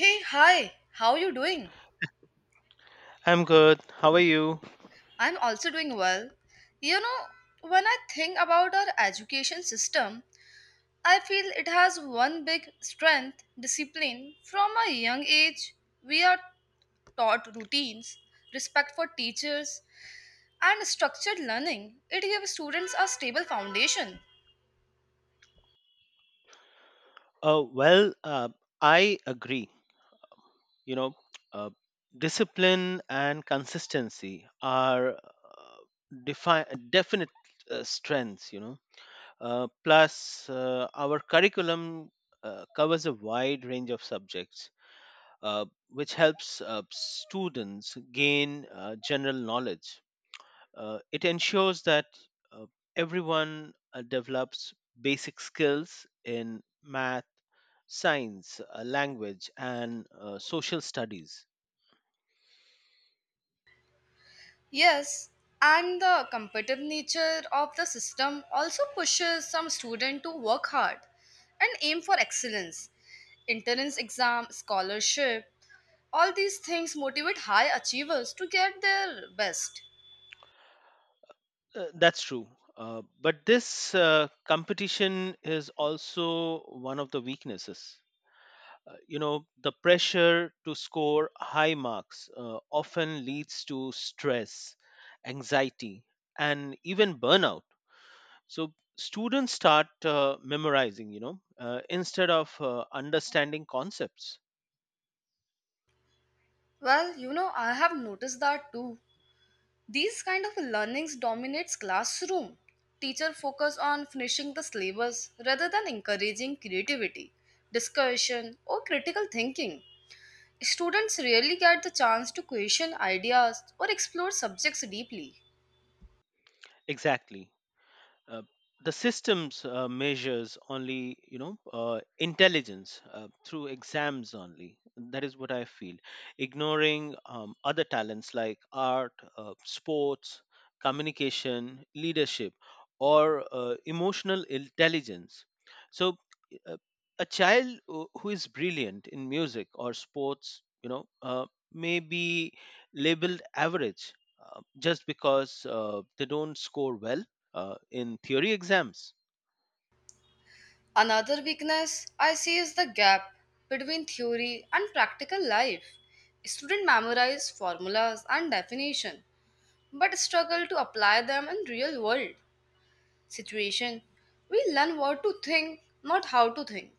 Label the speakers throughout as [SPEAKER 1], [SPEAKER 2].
[SPEAKER 1] Hey, hi, how you doing?
[SPEAKER 2] I'm good. How are you?
[SPEAKER 1] I'm also doing well. You know, when I think about our education system, I feel it has one big strength discipline. From a young age, we are taught routines, respect for teachers, and structured learning. It gives students a stable foundation.
[SPEAKER 2] Uh, well, uh, I agree. You know, uh, Discipline and consistency are definite strengths. Plus our curriculum covers a wide range of subjects, which helps students gain general knowledge. It ensures that uh, everyone develops basic skills in math, science, language, and social studies.
[SPEAKER 1] Yes, and the competitive nature of the system also pushes some students to work hard and aim for excellence. Entrance exam, scholarship, all these things motivate high achievers to get their best.
[SPEAKER 2] That's true. But this competition is also one of the weaknesses. You know, the pressure to score high marks often leads to stress, anxiety, and even burnout, so students start memorizing, you know, instead of understanding concepts
[SPEAKER 1] Well, you know, I have noticed that too. These kind of learnings dominates classroom. Teacher focus on finishing the syllabus rather than encouraging creativity, discussion or critical thinking. Students rarely get the chance to question ideas or explore subjects deeply.
[SPEAKER 2] exactly. uh, the systems measures only, you know, intelligence through exams only, that is what I feel, ignoring other talents like art, sports, communication, leadership, or emotional intelligence. So, uh, a child who is brilliant in music or sports, you know, may be labeled average, just because they don't score well in theory exams.
[SPEAKER 1] Another weakness I see is the gap between theory and practical life. Students memorize formulas and definition but struggle to apply them in real world situation. We learn what to think, not how to think.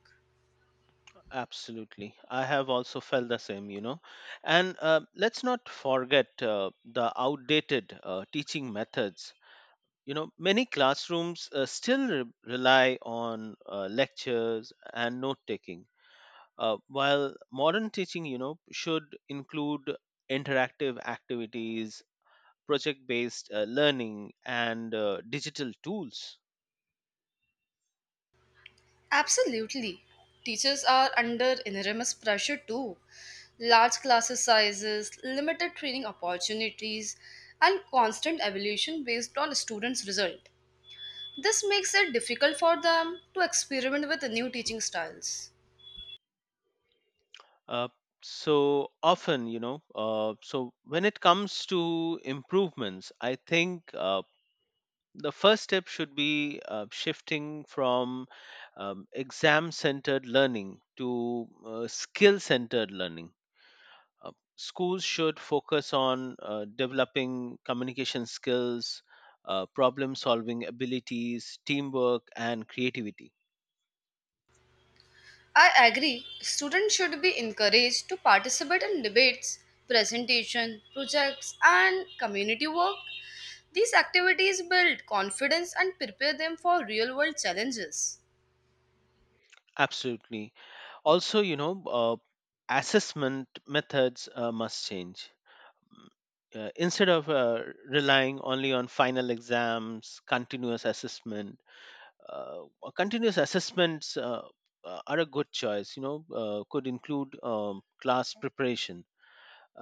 [SPEAKER 2] Absolutely, I have also felt the same, you know. And let's not forget the outdated teaching methods. You know, many classrooms still rely on lectures and note taking, while modern teaching, you know, should include interactive activities, project based learning, and digital tools.
[SPEAKER 1] Absolutely. Teachers are under enormous pressure too. Large classes sizes, limited training opportunities, and constant evaluation based on students' result. This makes it difficult for them to experiment with new teaching styles.
[SPEAKER 2] Uh, so when it comes to improvements, I think the first step should be shifting from exam centered learning to skill centered learning. Schools should focus on developing communication skills, problem solving abilities, teamwork, and creativity.
[SPEAKER 1] I agree, students should be encouraged to participate in debates, presentation, projects, and community work. These activities build confidence and prepare them for real world challenges.
[SPEAKER 2] Absolutely. Also, you know, uh, assessment methods must change. Mm, Instead of relying only on final exams, continuous assessments are a good choice, you know. Could include class preparation,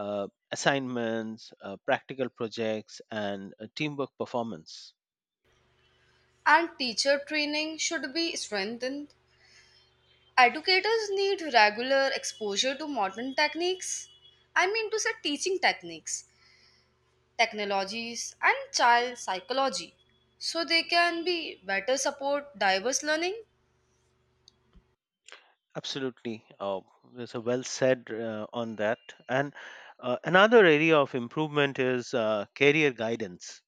[SPEAKER 2] uh, assignments, practical projects, and teamwork performance.
[SPEAKER 1] And teacher training should be strengthened. Educators need regular exposure to modern techniques. I mean, to say teaching techniques technologies, and child psychology so they can be better support diverse learning?
[SPEAKER 2] Absolutely. There's a well said on that. And another area of improvement is career guidance.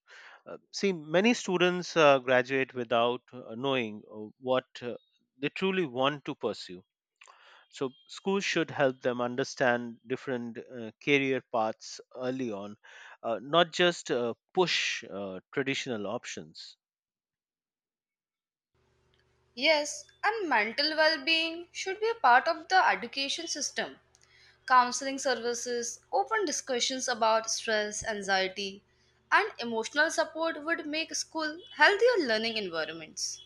[SPEAKER 2] See, many students graduate without knowing what they truly want to pursue. So, schools should help them understand different career paths early on, not just push traditional options.
[SPEAKER 1] Yes, and mental well being should be a part of the education system. Counseling services, open discussions about stress, anxiety, and emotional support would make school healthier learning environments.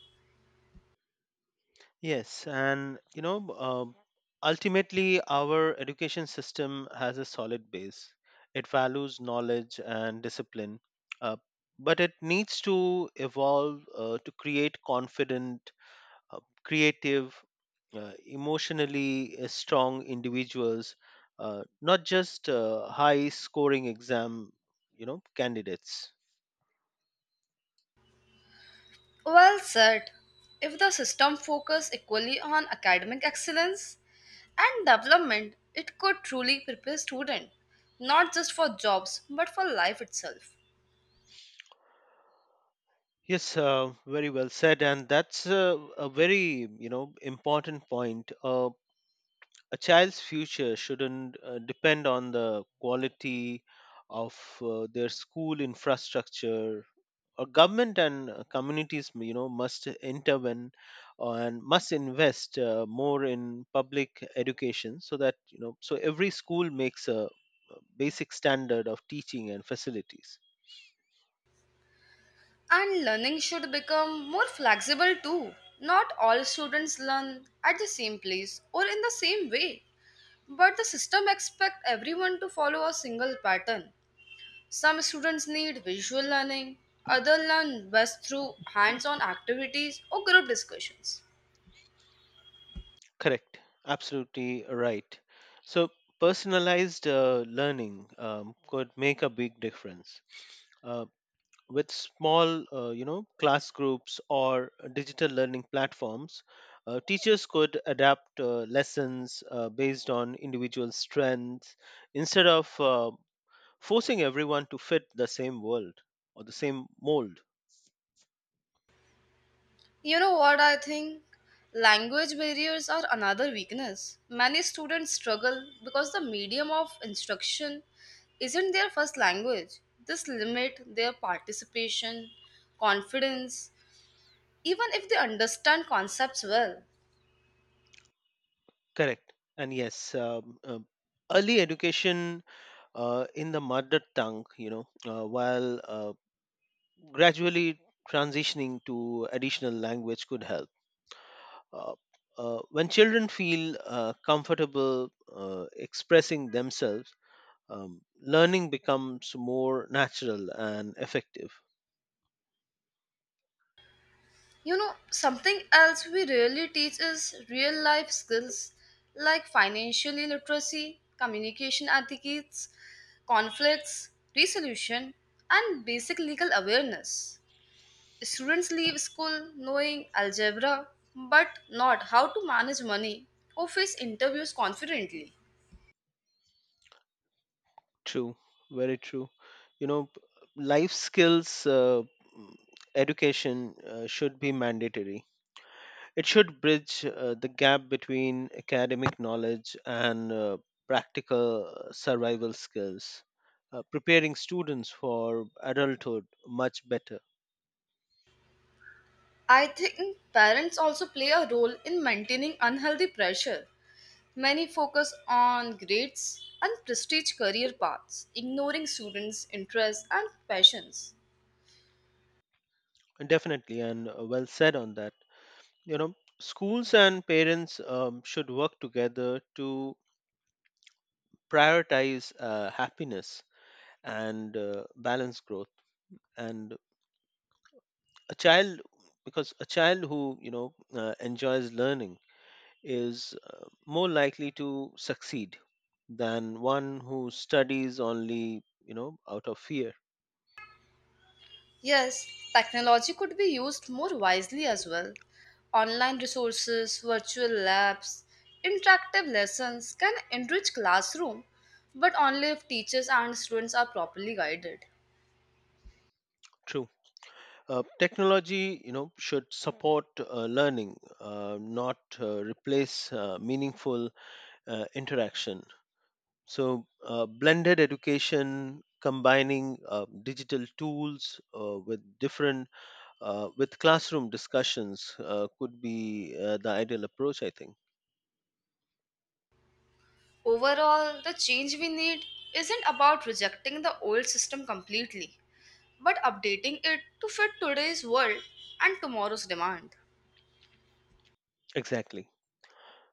[SPEAKER 2] Yes, and you know, ultimately, our education system has a solid base. It values knowledge and discipline, uh, but it needs to evolve to create confident, creative, emotionally strong individuals, not just high-scoring exam, you know, candidates.
[SPEAKER 1] Well said. If the system focus equally on academic excellence, and development, it could truly prepare students, not just for jobs, but for life itself.
[SPEAKER 2] Yes, very well said, and that's a very, you know, important point. A child's future shouldn't depend on the quality of their school infrastructure, or government and communities, you know, must intervene and must invest more in public education, so that, you know, so every school makes a basic standard of teaching and facilities.
[SPEAKER 1] And learning should become more flexible too. Not all students learn at the same place or in the same way, but the system expects everyone to follow a single pattern. Some students need visual learning, others learn best through hands on activities or group discussions.
[SPEAKER 2] Correct. Absolutely right. So, personalized learning could make a big difference. Uh, with small, you know, class groups or digital learning platforms, teachers could adapt lessons based on individual strengths, instead of forcing everyone to fit the same world, or the same mold.
[SPEAKER 1] You know what I think? Language barriers are another weakness. Many students struggle because the medium of instruction isn't their first language. This limits their participation, confidence, even if they understand concepts well.
[SPEAKER 2] Correct. And yes, early education in the mother tongue, you know, while gradually transitioning to additional language could help. Uh, when children feel comfortable expressing themselves, learning becomes more natural and effective.
[SPEAKER 1] You know, something else we rarely teach is real life skills like financial literacy, communication etiquettes, conflicts, resolution, and basic legal awareness. Students leave school knowing algebra, but not how to manage money or face interviews confidently.
[SPEAKER 2] True, very true. You know, life skills, mm, education should be mandatory. It should bridge the gap between academic knowledge and practical survival skills, preparing students for adulthood much better.
[SPEAKER 1] I think parents also play a role in maintaining unhealthy pressure. Many focus on grades and prestige career paths, ignoring students' interests and passions.
[SPEAKER 2] Definitely, and well said on that. You know, schools and parents should work together to prioritize happiness and balance growth. And a child, because a child who, you know, enjoys learning is more likely to succeed than one who studies only, you know, out of fear.
[SPEAKER 1] Yes, technology could be used more wisely as well. Online resources, virtual labs, interactive lessons can enrich classroom, but only if teachers and students are properly guided.
[SPEAKER 2] True. Technology, you know, should support learning, not replace meaningful interaction. So, blended education combining digital tools with different, with classroom discussions could be the ideal approach, I think.
[SPEAKER 1] Overall, the change we need isn't about rejecting the old system completely, but updating it to fit today's world and tomorrow's demand.
[SPEAKER 2] Exactly.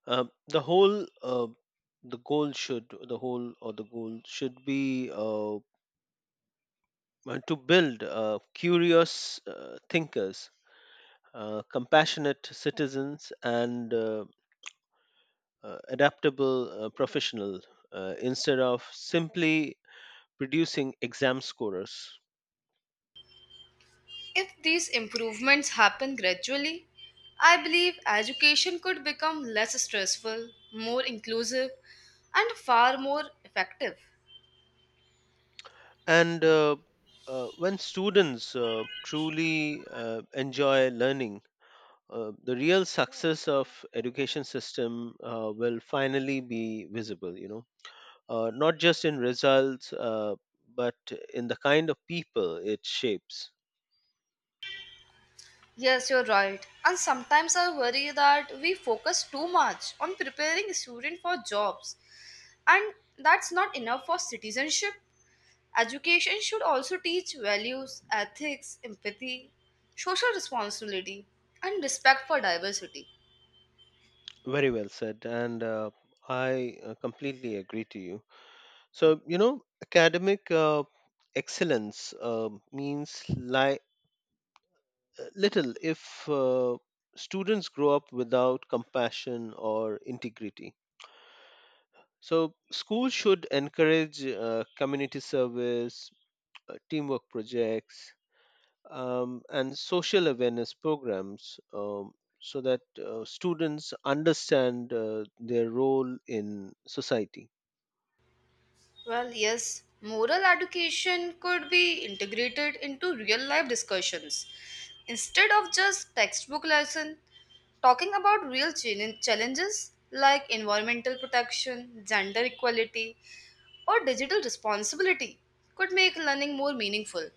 [SPEAKER 2] The whole the goal should the whole or the goal should be to build curious thinkers, compassionate citizens, and adaptable professional, instead of simply producing exam scorers.
[SPEAKER 1] If these improvements happen gradually, I believe education could become less stressful, more inclusive, and far more effective.
[SPEAKER 2] And when students truly enjoy learning, the real success of education system will finally be visible. You know, not just in results, but in the kind of people it shapes.
[SPEAKER 1] Yes, you're right. And sometimes I worry that we focus too much on preparing students for jobs, and that's not enough for citizenship. Education should also teach values, ethics, empathy, social responsibility, and respect for diversity.
[SPEAKER 2] Very well said, and I completely agree to you. So, you know, academic excellence little if students grow up without compassion or integrity. So, schools should encourage community service, teamwork projects, and social awareness programs, so that students understand their role in society.
[SPEAKER 1] Well, yes, moral education could be integrated into real life discussions. Instead of just textbook lesson, talking about real challenges like environmental protection, gender equality, or digital responsibility could make learning more meaningful.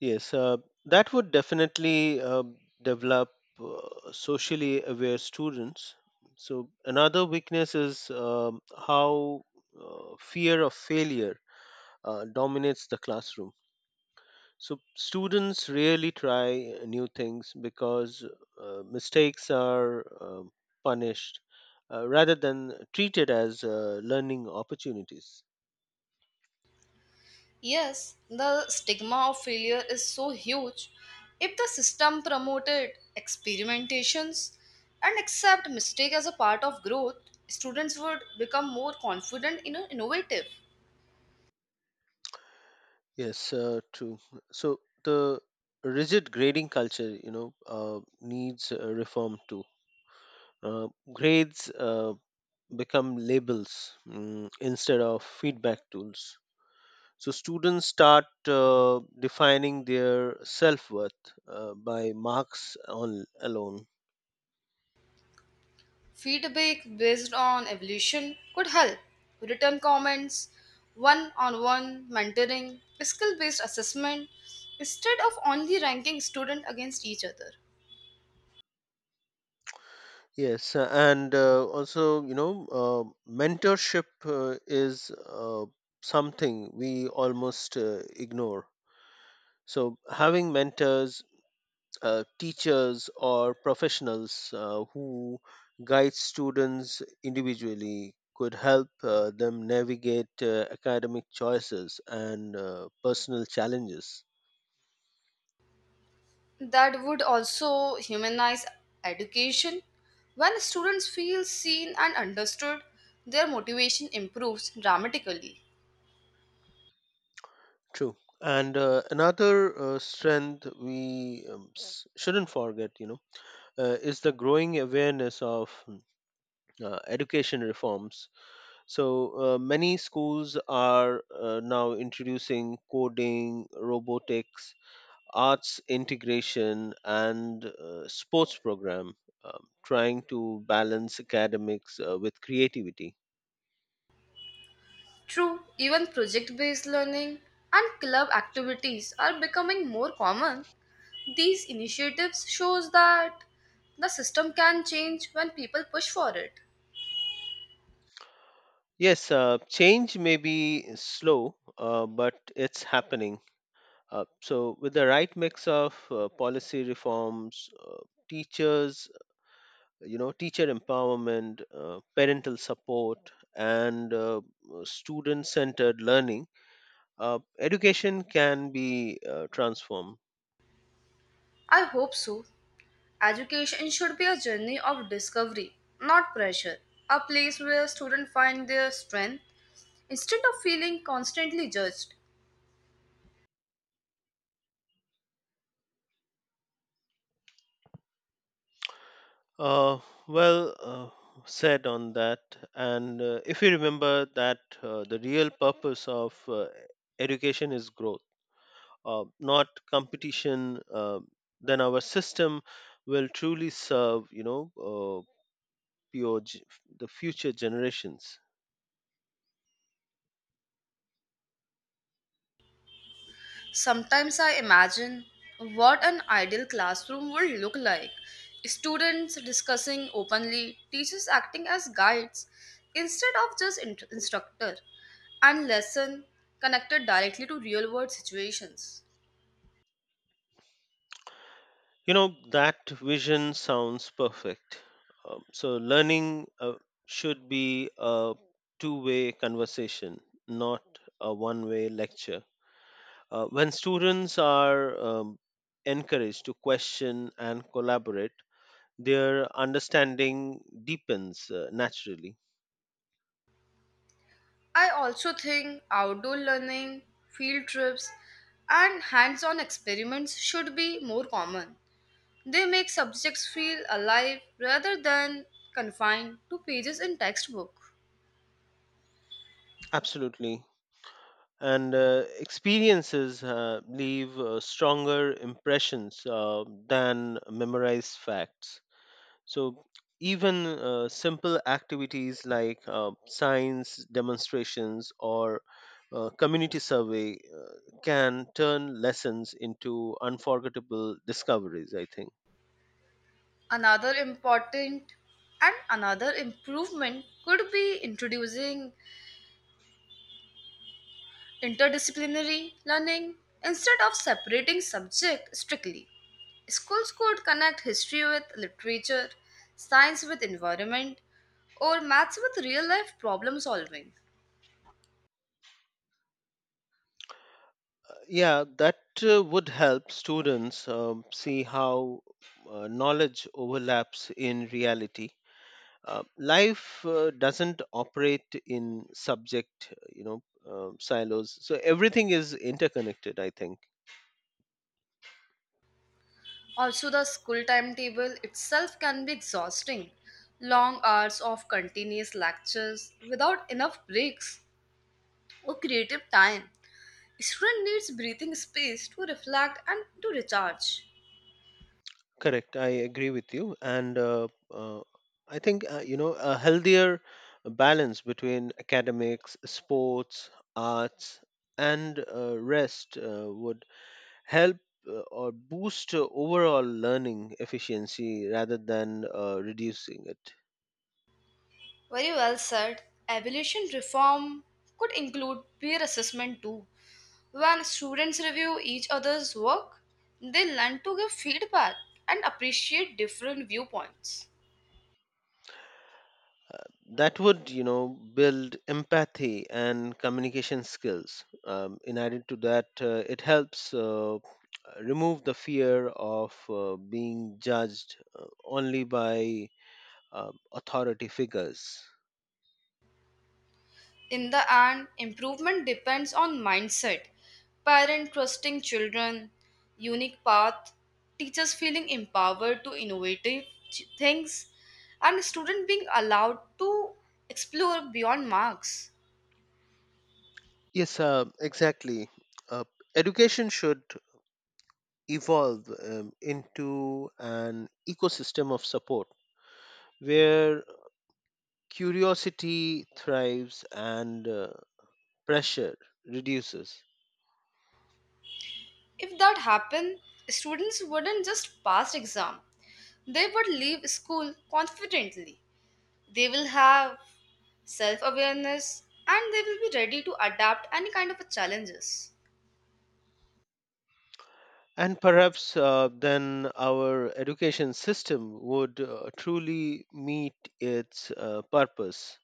[SPEAKER 2] Yes, that would definitely develop socially aware students. So, another weakness is how fear of failure dominates the classroom. So, students rarely try new things because mistakes are punished, rather than treated as learning opportunities.
[SPEAKER 1] Yes, the stigma of failure is so huge. If the system promoted experimentations and accept mistake as a part of growth, students would become more confident and innovative.
[SPEAKER 2] Yes, true. So, the rigid grading culture, you know, needs reform too. Grades become labels, instead of feedback tools. So students start defining their self-worth by marks on alone.
[SPEAKER 1] Feedback based on evolution could help. Written comments, one-on-one mentoring, skill-based assessment, instead of only ranking students against each other.
[SPEAKER 2] Yes, and also, you know, mentorship is something we almost ignore. So, having mentors, teachers or professionals who guide students individually could help them navigate academic choices and personal challenges.
[SPEAKER 1] That would also humanize education. When students feel seen and understood, their motivation improves dramatically.
[SPEAKER 2] True. And another strength we, shouldn't forget, you know, is the growing awareness of education reforms. So, many schools are now introducing coding, robotics, arts integration and sports program, trying to balance academics with creativity.
[SPEAKER 1] True, even project based learning and club activities are becoming more common. These initiatives shows that the system can change when people push for it.
[SPEAKER 2] Yes, change may be slow, but it's happening. So, with the right mix of policy reforms, teachers, you know, teacher empowerment, parental support, and student centered learning, education can be transformed.
[SPEAKER 1] I hope so. Education should be a journey of discovery, not pressure. A place where students find their strength instead of feeling constantly judged.
[SPEAKER 2] Uh, well said on that. And if you remember that the real purpose of education is growth, not competition, then our system will truly serve, you know, pure g- the future generations.
[SPEAKER 1] Sometimes I imagine what an ideal classroom would look like. Students discussing openly, teachers acting as guides instead of just instructor, and lesson connected directly to real world situations.
[SPEAKER 2] You know, that vision sounds perfect. So, learning should be a two-way conversation, not a one way lecture. When students are encouraged to question and collaborate, their understanding deepens naturally.
[SPEAKER 1] I also think outdoor learning, field trips, and hands on experiments should be more common. They make subjects feel alive rather than confined to pages in textbook.
[SPEAKER 2] Absolutely. And experiences leave stronger impressions than memorized facts. So, even simple activities like science demonstrations or community survey can turn lessons into unforgettable discoveries, I think.
[SPEAKER 1] Another important and another improvement could be introducing interdisciplinary learning instead of separating subject strictly. Schools could connect history with literature, science with environment, or maths with real life problem solving.
[SPEAKER 2] Yeah, that would help students see how knowledge overlaps in reality. Life doesn't operate in subject, you know, silos. So everything is interconnected, I think.
[SPEAKER 1] Also, the school timetable itself can be exhausting. Long hours of continuous lectures without enough breaks or creative time. A student needs breathing space to reflect and to recharge.
[SPEAKER 2] Correct. I agree with you. And I think, you know, a healthier balance between academics, sports, arts, and rest would help, or boost overall learning efficiency rather than reducing it.
[SPEAKER 1] Very well said. Evaluation reform could include peer assessment too. When students review each other's work, they learn to give feedback and appreciate different viewpoints.
[SPEAKER 2] That would, you know, build empathy and communication skills. In addition to that, it helps remove the fear of being judged only by uh, authority figures.
[SPEAKER 1] In the end, improvement depends on mindset, parent trusting children, unique path, teachers feeling empowered to innovative things, and student being allowed to explore beyond marks.
[SPEAKER 2] Yes, exactly. uh, Education should evolve into an ecosystem of support where curiosity thrives and pressure reduces.
[SPEAKER 1] If that happened, students wouldn't just pass exam. They would leave school confidently. They will have self-awareness and they will be ready to adapt any kind of a challenges.
[SPEAKER 2] And perhaps then our education system would truly meet its purpose,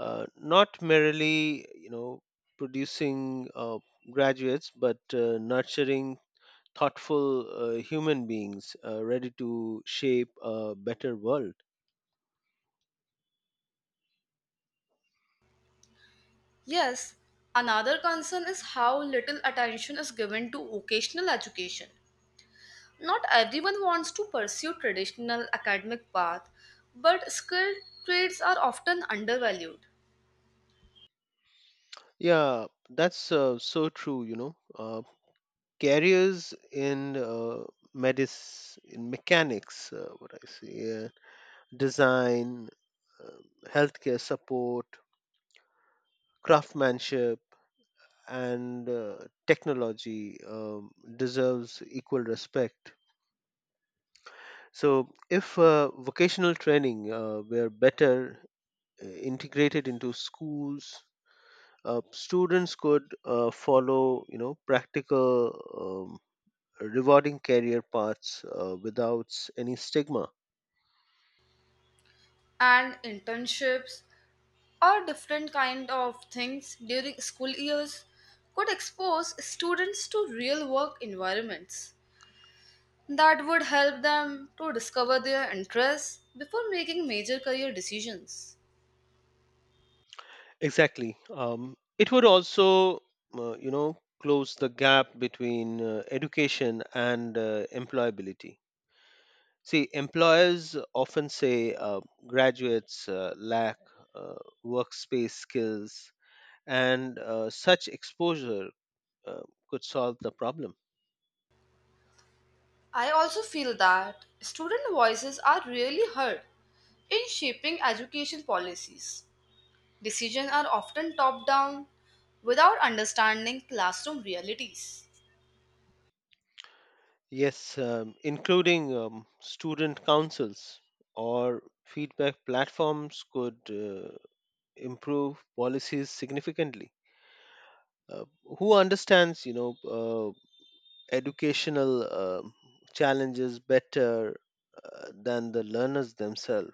[SPEAKER 2] not merely, you know, producing graduates, but nurturing thoughtful human beings ready to shape a better world.
[SPEAKER 1] Yes, another concern is how little attention is given to vocational education. Not everyone wants to pursue traditional academic path, but skilled trades are often undervalued.
[SPEAKER 2] Yeah, that's so true, you know. Careers in medicine, in mechanics, what I say, design, healthcare support, craftsmanship, and technology deserves equal respect. So, if vocational training were better integrated into schools, students could follow, you know, practical, rewarding career paths without any stigma.
[SPEAKER 1] And internships or different kind of things during school years could expose students to real work environments that would help them to discover their interests before making major career decisions.
[SPEAKER 2] Exactly. It would also, you know, close the gap between education and employability. See, employers often say graduates lack uh, workspace skills, and such exposure uh, could solve the problem.
[SPEAKER 1] I also feel that student voices are rarely heard in shaping education policies. Decisions are often top down without understanding classroom realities.
[SPEAKER 2] Yes, including student councils or feedback platforms could improve policies significantly. uh, who understands, you know, educational challenges better than the learners themselves?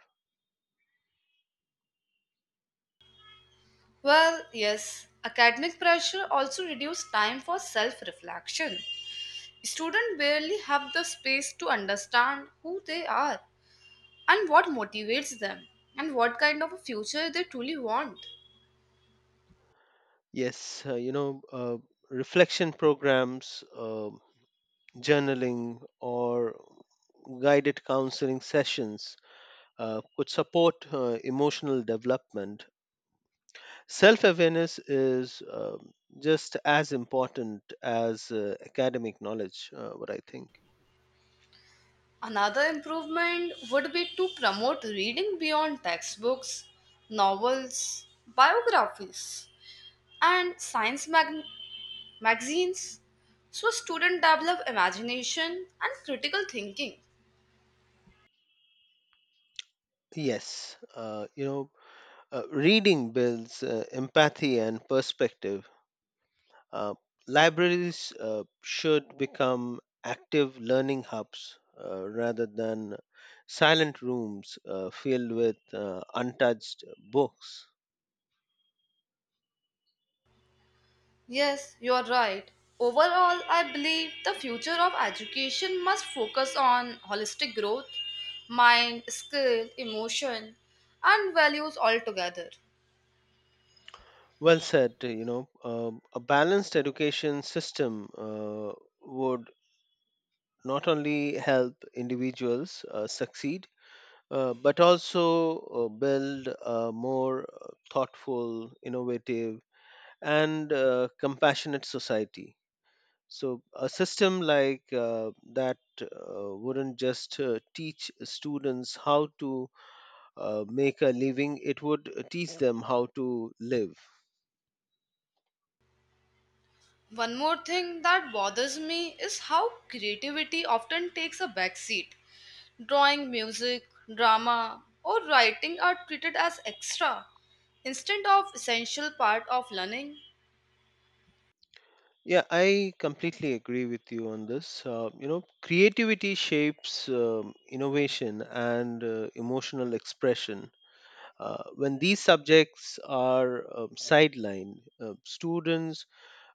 [SPEAKER 1] Well, yes, academic pressure also reduces time for self reflection. Students barely have the space to understand who they are and what motivates them and what kind of a future they truly want.
[SPEAKER 2] Yes, you know, reflection programs, journaling or guided counseling sessions could support emotional development. Self awareness is just as important as academic knowledge, what I think.
[SPEAKER 1] Another improvement would be to promote reading beyond textbooks, novels, biographies, and science magazines so students develop imagination and critical thinking.
[SPEAKER 2] Yes, reading builds empathy and perspective. Uh, Libraries should become active learning hubs rather than silent rooms filled with untouched books.
[SPEAKER 1] Yes, you are right. Overall, I believe the future of education must focus on holistic growth, mind, skill, emotion, and values altogether.
[SPEAKER 2] Well said, you know, a balanced education system would not only help individuals succeed, but also build a more thoughtful, innovative, and compassionate society. So, a system like that wouldn't just teach students how to make a living, it would teach them how to live.
[SPEAKER 1] One more thing that bothers me is how creativity often takes a backseat. Drawing, music, drama, or writing are treated as extra instead of essential part of learning.
[SPEAKER 2] Yeah, I completely agree with you on this. You know, creativity shapes innovation and emotional expression. When these subjects are sidelined, students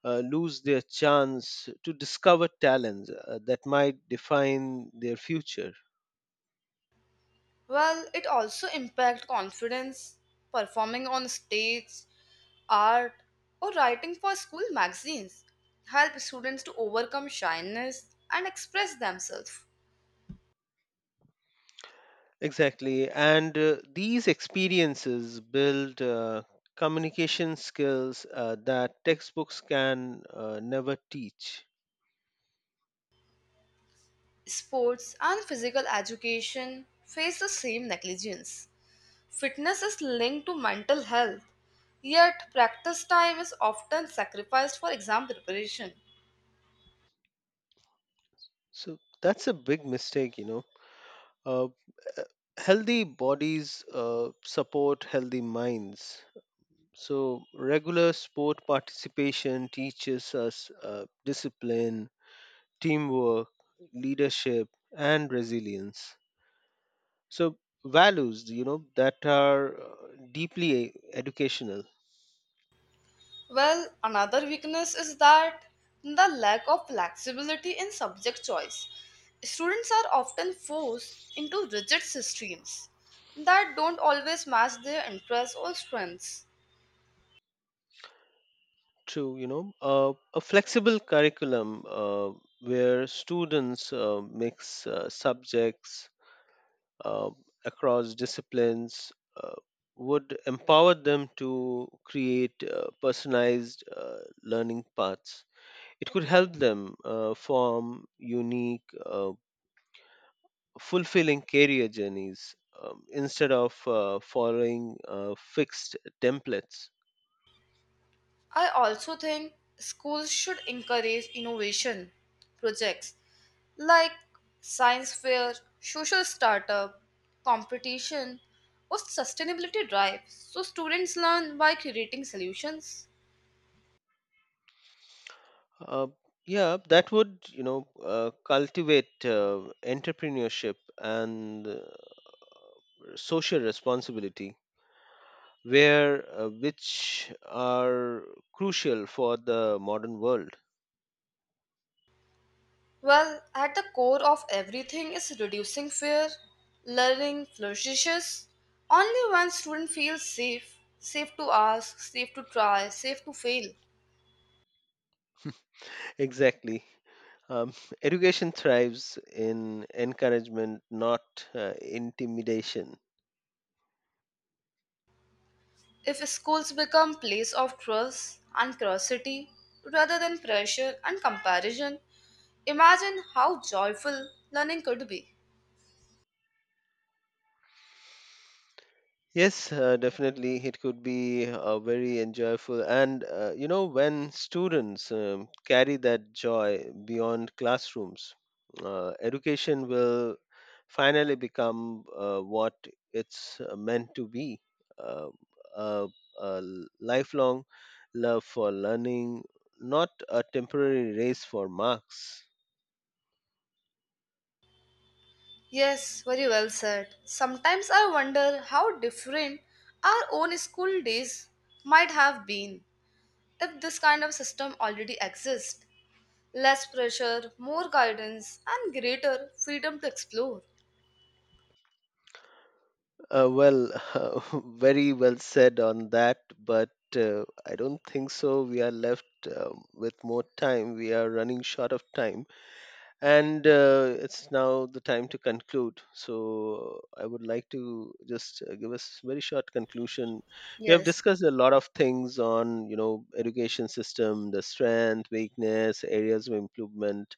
[SPEAKER 2] lose their chance to discover talents that might define their future.
[SPEAKER 1] Well, it also impacts confidence, performing on stage, art, or writing for school magazines. Help students to overcome shyness and express themselves.
[SPEAKER 2] Exactly. And these experiences build communication skills that textbooks can never teach.
[SPEAKER 1] Sports and physical education face the same negligence. Fitness is linked to mental health, yet practice time is often sacrificed for exam preparation.
[SPEAKER 2] So that's a big mistake, you know. Uh, uh, Healthy bodies support healthy minds. So, regular sport participation teaches us discipline, teamwork, leadership, and resilience. So values, you know, that are deeply educational.
[SPEAKER 1] Well, another weakness is that the lack of flexibility in subject choice. Students are often forced into rigid systems that don't always match their interests or strengths.
[SPEAKER 2] True, you know, a flexible curriculum where students mix subjects uh, across disciplines would empower them to create personalized learning paths. It could help them form unique fulfilling career journeys, instead of following fixed templates.
[SPEAKER 1] I also think schools should encourage innovation projects like science fair, social startup, competition, or sustainability drive. So students learn by creating solutions.
[SPEAKER 2] Uh, yeah, that would, you know, cultivate entrepreneurship and social responsibility, where which are crucial for the modern world.
[SPEAKER 1] Well, at the core of everything is reducing fear. Learning flourishes only when student feels safe, safe to ask, safe to try, safe to fail.
[SPEAKER 2] Exactly. Um, Education thrives in encouragement, not intimidation.
[SPEAKER 1] If schools become place of trust and curiosity rather than pressure and comparison, imagine how joyful learning could be.
[SPEAKER 2] Yes, definitely. It could be very enjoyable. And, you know, when students carry that joy beyond classrooms, education will finally become what it's meant to be, uh, a, a lifelong love for learning, not a temporary race for marks.
[SPEAKER 1] Yes, very well said. Sometimes I wonder how different our own school days might have been if this kind of system already exists. Less pressure, more guidance, and greater freedom to explore.
[SPEAKER 2] Well, very well said on that, but I don't think so. We are left with more time. We are running short of time, and it's now the time to conclude. So I would like to just give us very short conclusion. We have
[SPEAKER 1] Yes.
[SPEAKER 2] discussed a lot of things on, you know, education system, the strength, weakness, areas of improvement,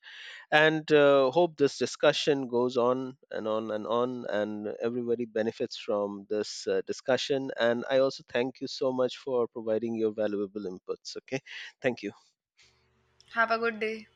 [SPEAKER 2] and hope this discussion goes on and on and on, and everybody benefits from this discussion. And I also thank you so much for providing your valuable inputs. Okay, thank you.
[SPEAKER 1] Have a good day.